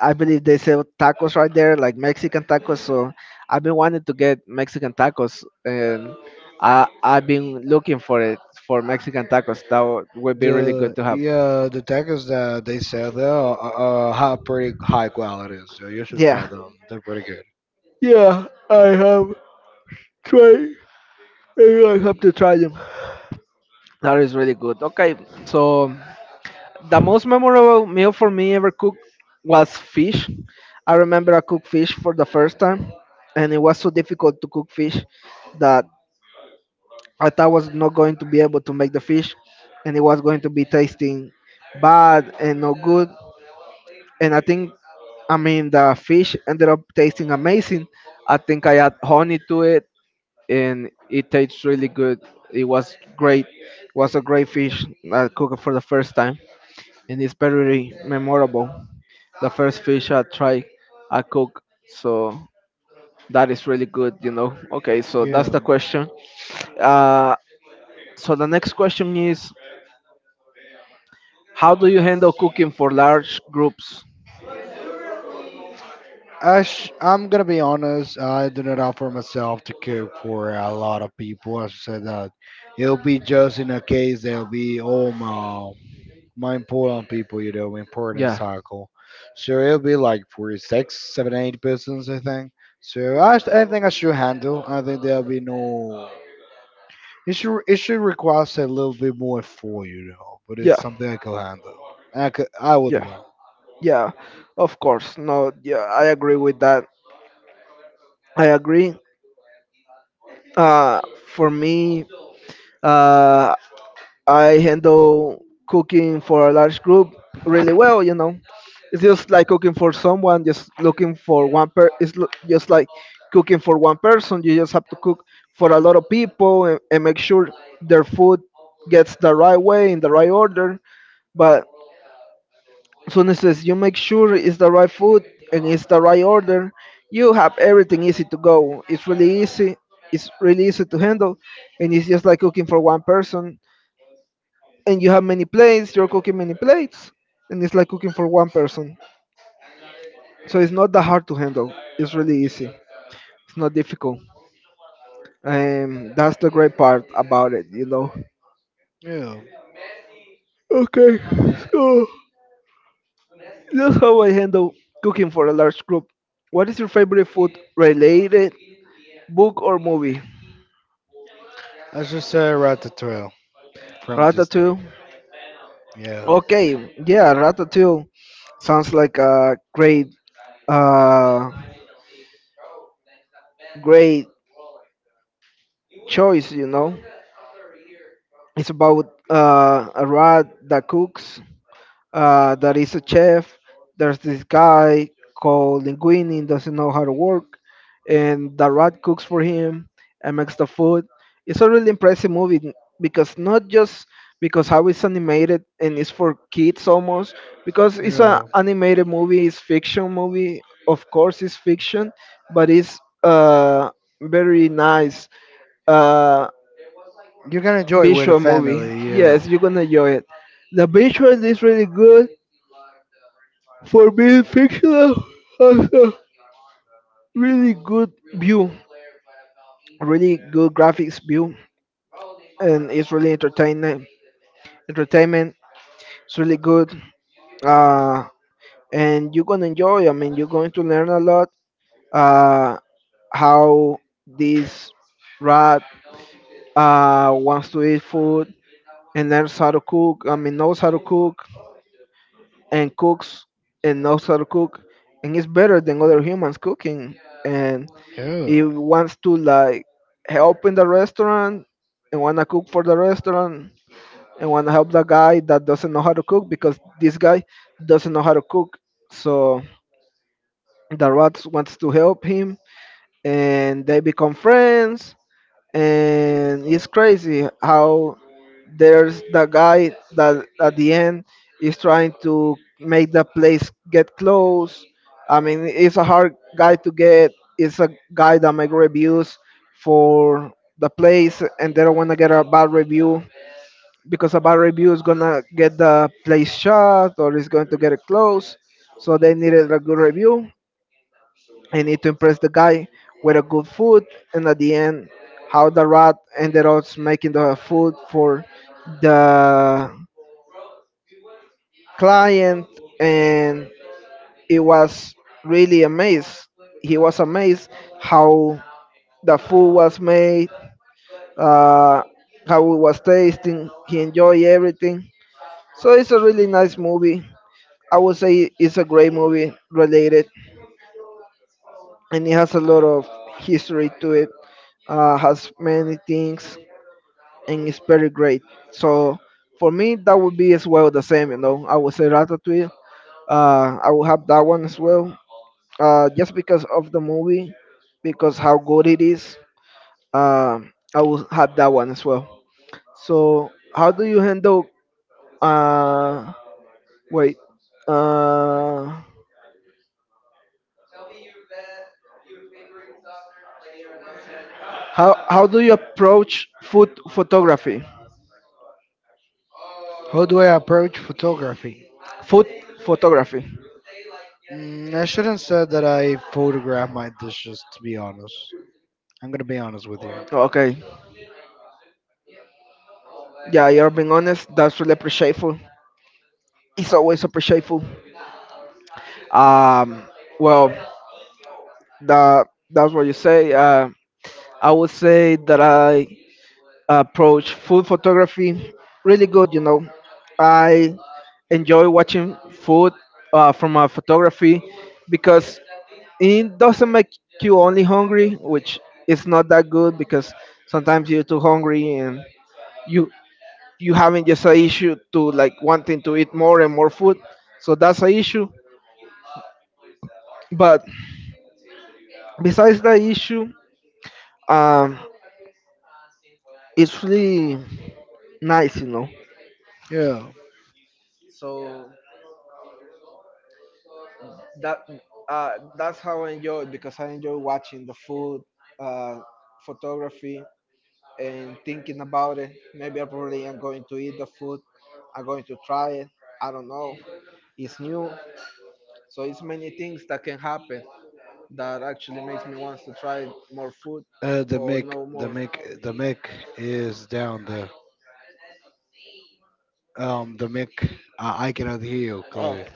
Speaker 1: I believe they sell tacos right there, like Mexican tacos. So I've been wanting to get Mexican tacos, and I've been looking for it, for Mexican tacos. That would be really good
Speaker 2: The
Speaker 1: to have.
Speaker 2: yeah, the tacos that they sell there are have pretty high quality, so you should try
Speaker 1: Yeah,
Speaker 2: them. They're pretty good.
Speaker 1: yeah, I have tried. And I have to try them. That is really good. Okay, so the most memorable meal for me ever cooked was fish. I remember I cooked fish for the first time, and it was so difficult to cook fish that I thought I was not going to be able to make the fish, and it was going to be tasting bad and no good. And I think, I mean, the fish ended up tasting amazing. I think I add honey to it, and it tastes really good. It was great. It was a great fish I cooked for the first time, and it's very memorable. The first fish I tried, I cooked, so that is really good, you know. Okay, so that's
Speaker 2: Yeah,
Speaker 1: the question. Uh, so the next question is, how do you handle cooking for large groups?
Speaker 2: Ash, I'm gonna be honest. I do not offer myself to cook for a lot of people. As I said that, it'll be just in a case they'll be all my my important people, you know, important
Speaker 1: Yeah.
Speaker 2: circle. So it'll be like for six, seven, eight persons, I think. So I think I should handle. I think there'll be no. It should request a little bit more for you know, but
Speaker 1: Yeah,
Speaker 2: it's something I could handle. I would
Speaker 1: yeah,
Speaker 2: do it.
Speaker 1: yeah. Of course. No, yeah, I agree with that. I agree. Uh, for me, uh, I handle cooking for a large group really well. You know, it's just like cooking for someone. Just looking for one per. It's just like cooking for one person. You just have to cook for a lot of people, and make sure their food gets the right way in the right order. But soon as says, you make sure it's the right food and it's the right order, you have everything easy to go. It's really easy. It's really easy to handle, and it's just like cooking for one person. And you have many plates. You're cooking many plates, and it's like cooking for one person. So it's not that hard to handle. It's really easy. It's not difficult. That's the great part about it, you know.
Speaker 2: Yeah.
Speaker 1: Okay, so that's how I handle cooking for a large group. What is your favorite food related book or movie?
Speaker 2: I should say Ratatouille from Disney.
Speaker 1: Ratatouille.
Speaker 2: Yeah.
Speaker 1: Okay, yeah, Ratatouille sounds like a great, uh, great choice. You know, it's about a rat that cooks. There is a chef. There's this guy called Linguini doesn't know how to work, and the rat cooks for him and makes the food. It's a really impressive movie, because not just because how it's animated and it's for kids almost, because it's an
Speaker 2: Yeah.
Speaker 1: animated movie. It's fiction movie, of course, it's fiction, but it's very nice uh
Speaker 2: You can enjoy it with a
Speaker 1: visual movie.
Speaker 2: family. Yeah.
Speaker 1: Yes, you're gonna enjoy it. The visual is really good, for being fictional has a really good view, really good graphics view, and it's really entertaining. Entertainment, it's really good, uh, and you're gonna enjoy. I mean, you're going to learn a lot, uh, how this rat, wants to eat food and learns how to cook. I mean, knows how to cook and cooks and knows how to cook, and it's better than other humans cooking, and
Speaker 2: Yeah.
Speaker 1: if wants to like help in the restaurant and wanna cook for the restaurant and wanna help the guy that doesn't know how to cook, because this guy doesn't know how to cook. So the rat wants to help him and they become friends, and it's crazy how there's the guy that at the end is trying to make the place get close. I mean, it's a hard guy to get. It's a guy that make reviews for the place, and they don't want to get a bad review, because a bad review is gonna get the place shut or is going to get it closed. So they needed a good review. I need to impress the guy with a good food, and at the end, how the rat ended up making the food for the client, and it was really amazed. He was amazed how the food was made, uh, how it was tasting. He enjoyed everything. So it's a really nice movie. I would say it's a great movie related, and it has a lot of history to it. Has many things and it's very great. So for me, that would be as well the same. You know, I would say Ratatouille. I will have that one as well. Just because of the movie, because how good it is. Uh, I will have that one as well. So how do you handle? Uh, wait. Uh, how do you approach food photography?
Speaker 2: How do I approach photography?
Speaker 1: Food photography.
Speaker 2: Mm, I shouldn't say that I photograph my dishes, to be honest. I'm gonna be honest with you.
Speaker 1: Okay. Yeah, you're being honest. That's really appreciable. It's always appreciable. Um, well, that's what you say. I would say that I approach food photography really good. You know, I enjoy watching food from a photography because it doesn't make you only hungry, which is not that good because sometimes you're too hungry and you you having just a issue to like wanting to eat more and more food. So that's a issue. But besides that issue. Um, It's really nice, you know.
Speaker 2: Yeah,
Speaker 1: that uh, that's how I enjoy it because I enjoy watching the food, uh, photography, and thinking about it. Maybe I probably am going to eat the food. I'm going to try it. I don't know. It's new, so it's many things that can happen that actually makes me wants to try more food
Speaker 2: the
Speaker 1: or
Speaker 2: mic,
Speaker 1: know
Speaker 2: the
Speaker 1: more.
Speaker 2: mic, the mic is down there. The mic, I cannot hear you
Speaker 1: Oh,
Speaker 2: clearly.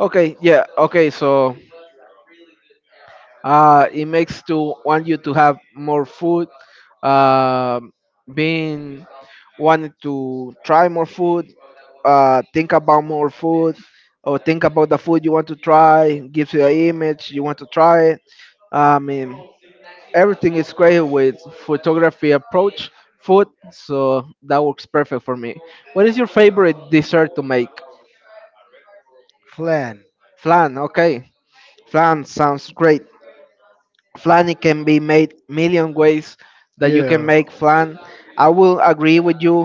Speaker 1: okay, yeah, okay. It makes to want you to have more food. Um Being wanted to try more food, think about more food, or think about the food you want to try. Gives you an image you want to try it. I mean, everything is great with photography approach food, so that works perfect for me. What is your favorite dessert to make?
Speaker 2: Flan.
Speaker 1: Flan, okay. Flan sounds great. Flan it can be made million ways that you can
Speaker 2: Yeah,
Speaker 1: make flan. I will agree with you.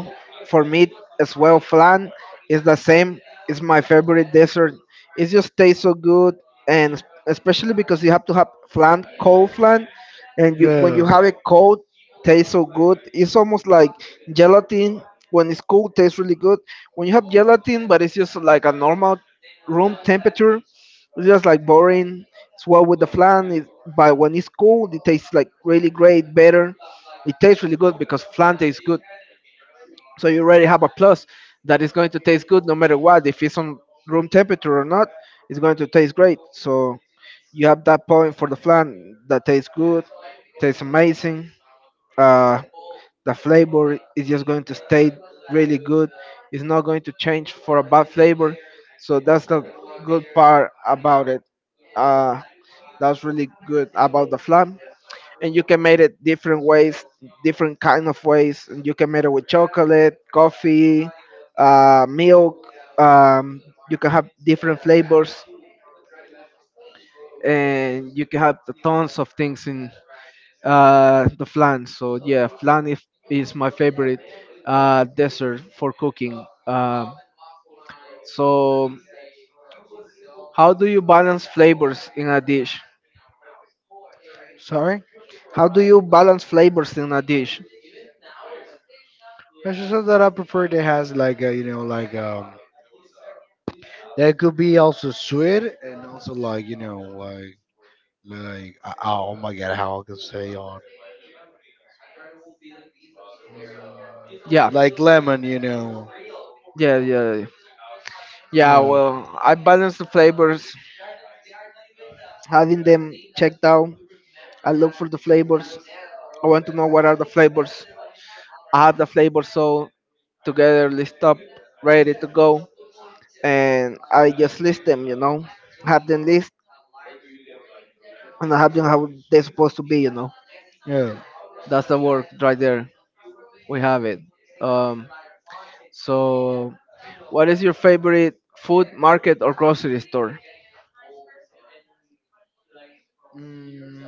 Speaker 1: For me as well flan is the same. It's my favorite dessert. It just tastes so good, and especially because you have to have flan cold flan, and you when
Speaker 2: yeah.
Speaker 1: you have it cold tastes so good. It's almost like gelatin when it's cold tastes really good. When you have gelatin but it's just like a normal room temperature, it's just like boring. It's well with the flan. It, but when it's cold, it tastes like really great, better. It tastes really good because flan tastes good. So you already have a plus that it's going to taste good no matter what. If it's on room temperature or not, it's going to taste great. So you have that point for the flan that tastes good, tastes amazing. Uh, the flavor is just going to stay really good. It's not going to change for a bad flavor. So that's the good part about it. Uh, that's really good about the flan. And you can make it different ways, different kind of ways. And you can make it with chocolate, coffee, milk. Um, you can have different flavors, and you can have the tons of things in the flan. So yeah, flan if, is my favorite dessert for cooking. So how do you balance flavors in a dish?
Speaker 2: Sorry,
Speaker 1: How do you balance flavors in a dish?
Speaker 2: I just said that I prefer that has like a, you know like that could be also sweet and also like you know like oh my god how I can say on
Speaker 1: Yeah,
Speaker 2: like lemon you know
Speaker 1: yeah, yeah, yeah. Yeah,
Speaker 2: yeah,
Speaker 1: well, I balance the flavors, having them checked out. I look for the flavors. I want to know what are the flavors. I have the flavors so together list up, ready to go. And I just list them, you know, have them list and I have them how they're supposed to be, you know.
Speaker 2: yeah.
Speaker 1: That's the work right there. We have it. Um, so, what is your favorite food market or grocery store?
Speaker 2: Mm,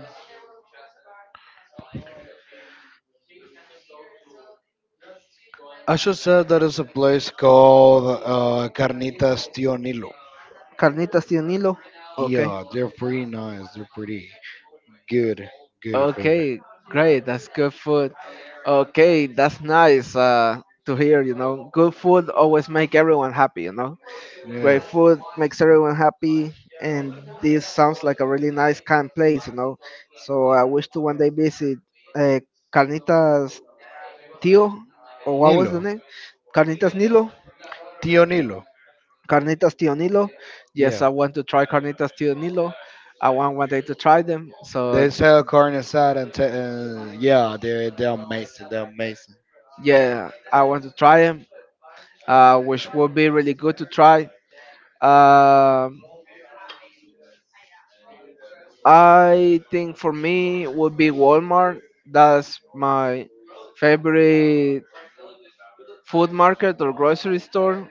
Speaker 2: I should say there is a place called Carnitas Tio Nilo.
Speaker 1: Carnitas de un hilo, okay.
Speaker 2: Yeah, they're pretty nice. They're pretty good, good food.
Speaker 1: Okay, great. That's good food. Okay, that's nice to hear. You know, good food always make everyone happy. You know. Great
Speaker 2: Yeah,
Speaker 1: food, makes everyone happy, and this sounds like a really nice, calm place, you know. So I wish to one day visit uh, Carnitas Tio, or what was
Speaker 2: Nilo,
Speaker 1: the name? Carnitas Nilo.
Speaker 2: Tio Nilo.
Speaker 1: Carnitas Tio Nilo. Yes, I
Speaker 2: Yeah,
Speaker 1: want to try Carnitas Tio Nilo. I want one day to try them. So
Speaker 2: they sell carne asada and yeah, they they're amazing. They're amazing.
Speaker 1: yeah, I want to try them, which would be really good to try. Um I think for me would be Walmart. That's my favorite food market or grocery store.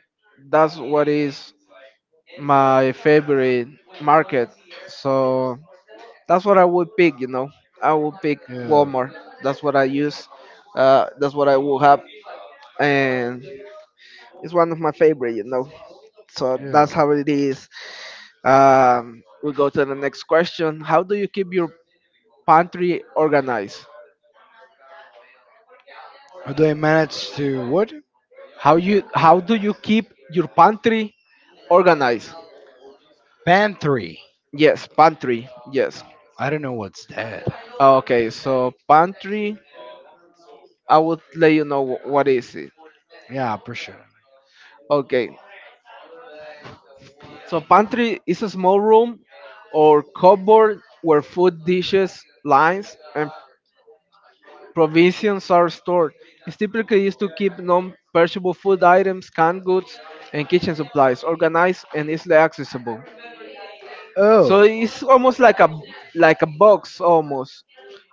Speaker 1: That's what is my favorite market. So that's what I would pick, you know. I would pick
Speaker 2: Yeah,
Speaker 1: Walmart. That's what I use. That's what I will have. And it's one of my favorite, you know. So
Speaker 2: yeah.
Speaker 1: that's how it is. We go to the next question. How do you keep your pantry organized?
Speaker 2: Although I managed to what?
Speaker 1: How do you keep your pantry organized?
Speaker 2: Pan three.
Speaker 1: Yes, pantry. Yes.
Speaker 2: I don't know what's that.
Speaker 1: Okay, so pantry, I would let you know what is it.
Speaker 2: Yeah, for sure.
Speaker 1: Okay. So pantry is a small room or cupboard where food dishes, lines and provisions are stored. It's typically used to keep non-perishable food items, canned goods and kitchen supplies organized and easily accessible. So
Speaker 2: Oh,
Speaker 1: it's almost like a box almost.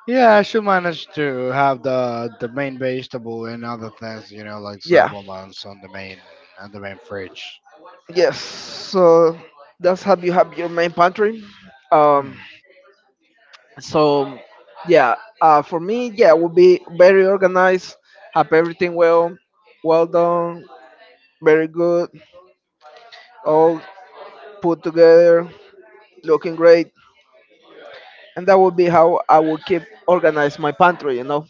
Speaker 2: yeah, I should manage to have the main vegetable and other things, you know, like
Speaker 1: Yeah.
Speaker 2: supplements on the main fridge.
Speaker 1: Yes, so that's how you have your main pantry.
Speaker 2: Yeah.
Speaker 1: Um, so yeah, for me, yeah, it would be very organized, have everything well, well done, very good, all put together, looking great, and that would be how I would keep organized my pantry. You know.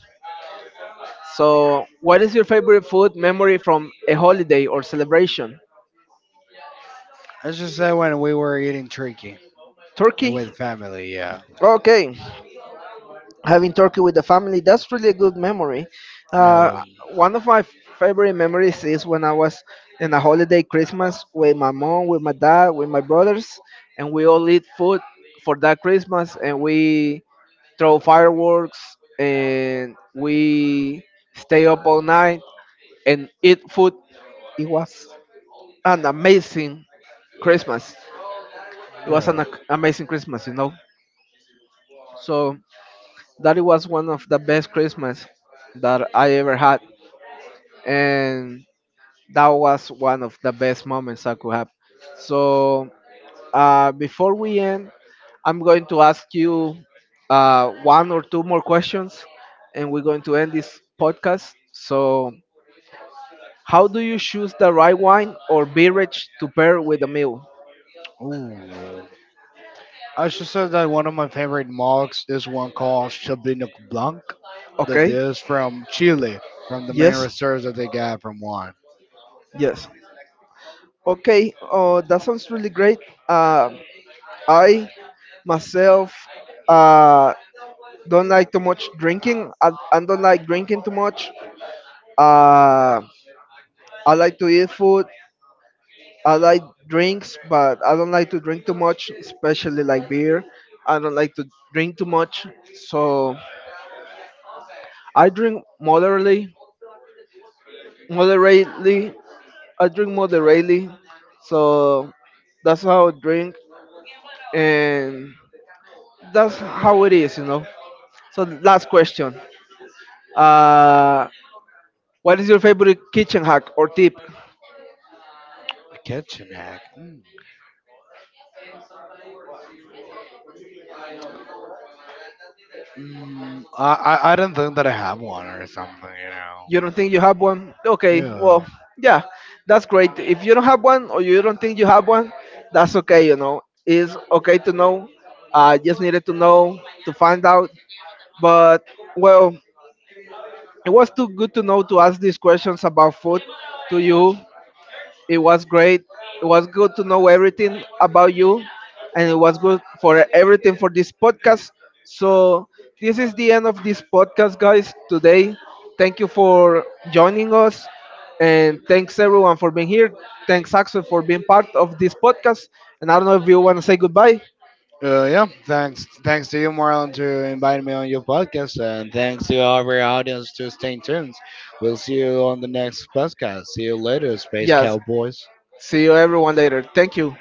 Speaker 1: So, what is your favorite food memory from a holiday or celebration?
Speaker 2: Let's just say when we were eating turkey
Speaker 1: Turkey.
Speaker 2: with family, yeah.
Speaker 1: Okay. Having turkey with the family that's really a good memory. uh,
Speaker 2: Um,
Speaker 1: One of my favorite memories is when I was in a holiday Christmas with my mom with my dad with my brothers, and we all eat food for that Christmas and we throw fireworks and we stay up all night and eat food. It was an amazing Christmas. It was
Speaker 2: yeah.
Speaker 1: an amazing Christmas, you know. So that it was one of the best Christmas that I ever had, and that was one of the best moments I could have. So before we end, I'm going to ask you one or two more questions, and we're going to end this podcast. So, how do you choose the right wine or beverage to pair with a meal?
Speaker 2: Ooh. I should say that one of my favorite mugs is one called Chabino Blanc, that
Speaker 1: Okay.
Speaker 2: is from Chile, from the main
Speaker 1: Yes.
Speaker 2: reserves that they got from Juan.
Speaker 1: Yes. Okay. Oh, that sounds really great. Uh, I myself. Uh, Don't like too much drinking. I don't like drinking too much. Uh, I like to eat food. I like drinks, but I don't like to drink too much, especially like beer. I don't like to drink too much, so I drink moderately. Moderately, I drink moderately. So that's how I drink, and that's how it is, you know. So last question. Uh, what is your favorite kitchen hack or tip?
Speaker 2: A kitchen hack. Mm. Mm, I don't think that I have one or something,
Speaker 1: You don't think you have one? Okay,
Speaker 2: you
Speaker 1: well,
Speaker 2: know.
Speaker 1: yeah, that's great. If you don't have one or you don't think you have one, that's okay, you know. It's okay to know. I just needed to know to find out. But, well, it was too good to know to ask these questions about food to you it was great. It was good to know everything about you, and it was good for everything for this podcast. So this is the end of this podcast, guys. Today, thank you for joining us, and thanks everyone for being here. Thanks Axel for being part of this podcast. And I don't know if you want to say goodbye.
Speaker 2: Yeah. Yeah, thanks. Thanks to you, Marlon, to inviting me on your podcast, and thanks to our audience to stay tuned. We'll see you on the next podcast. See you later, Space
Speaker 1: Yes.
Speaker 2: Cowboys.
Speaker 1: See you everyone later. Thank you.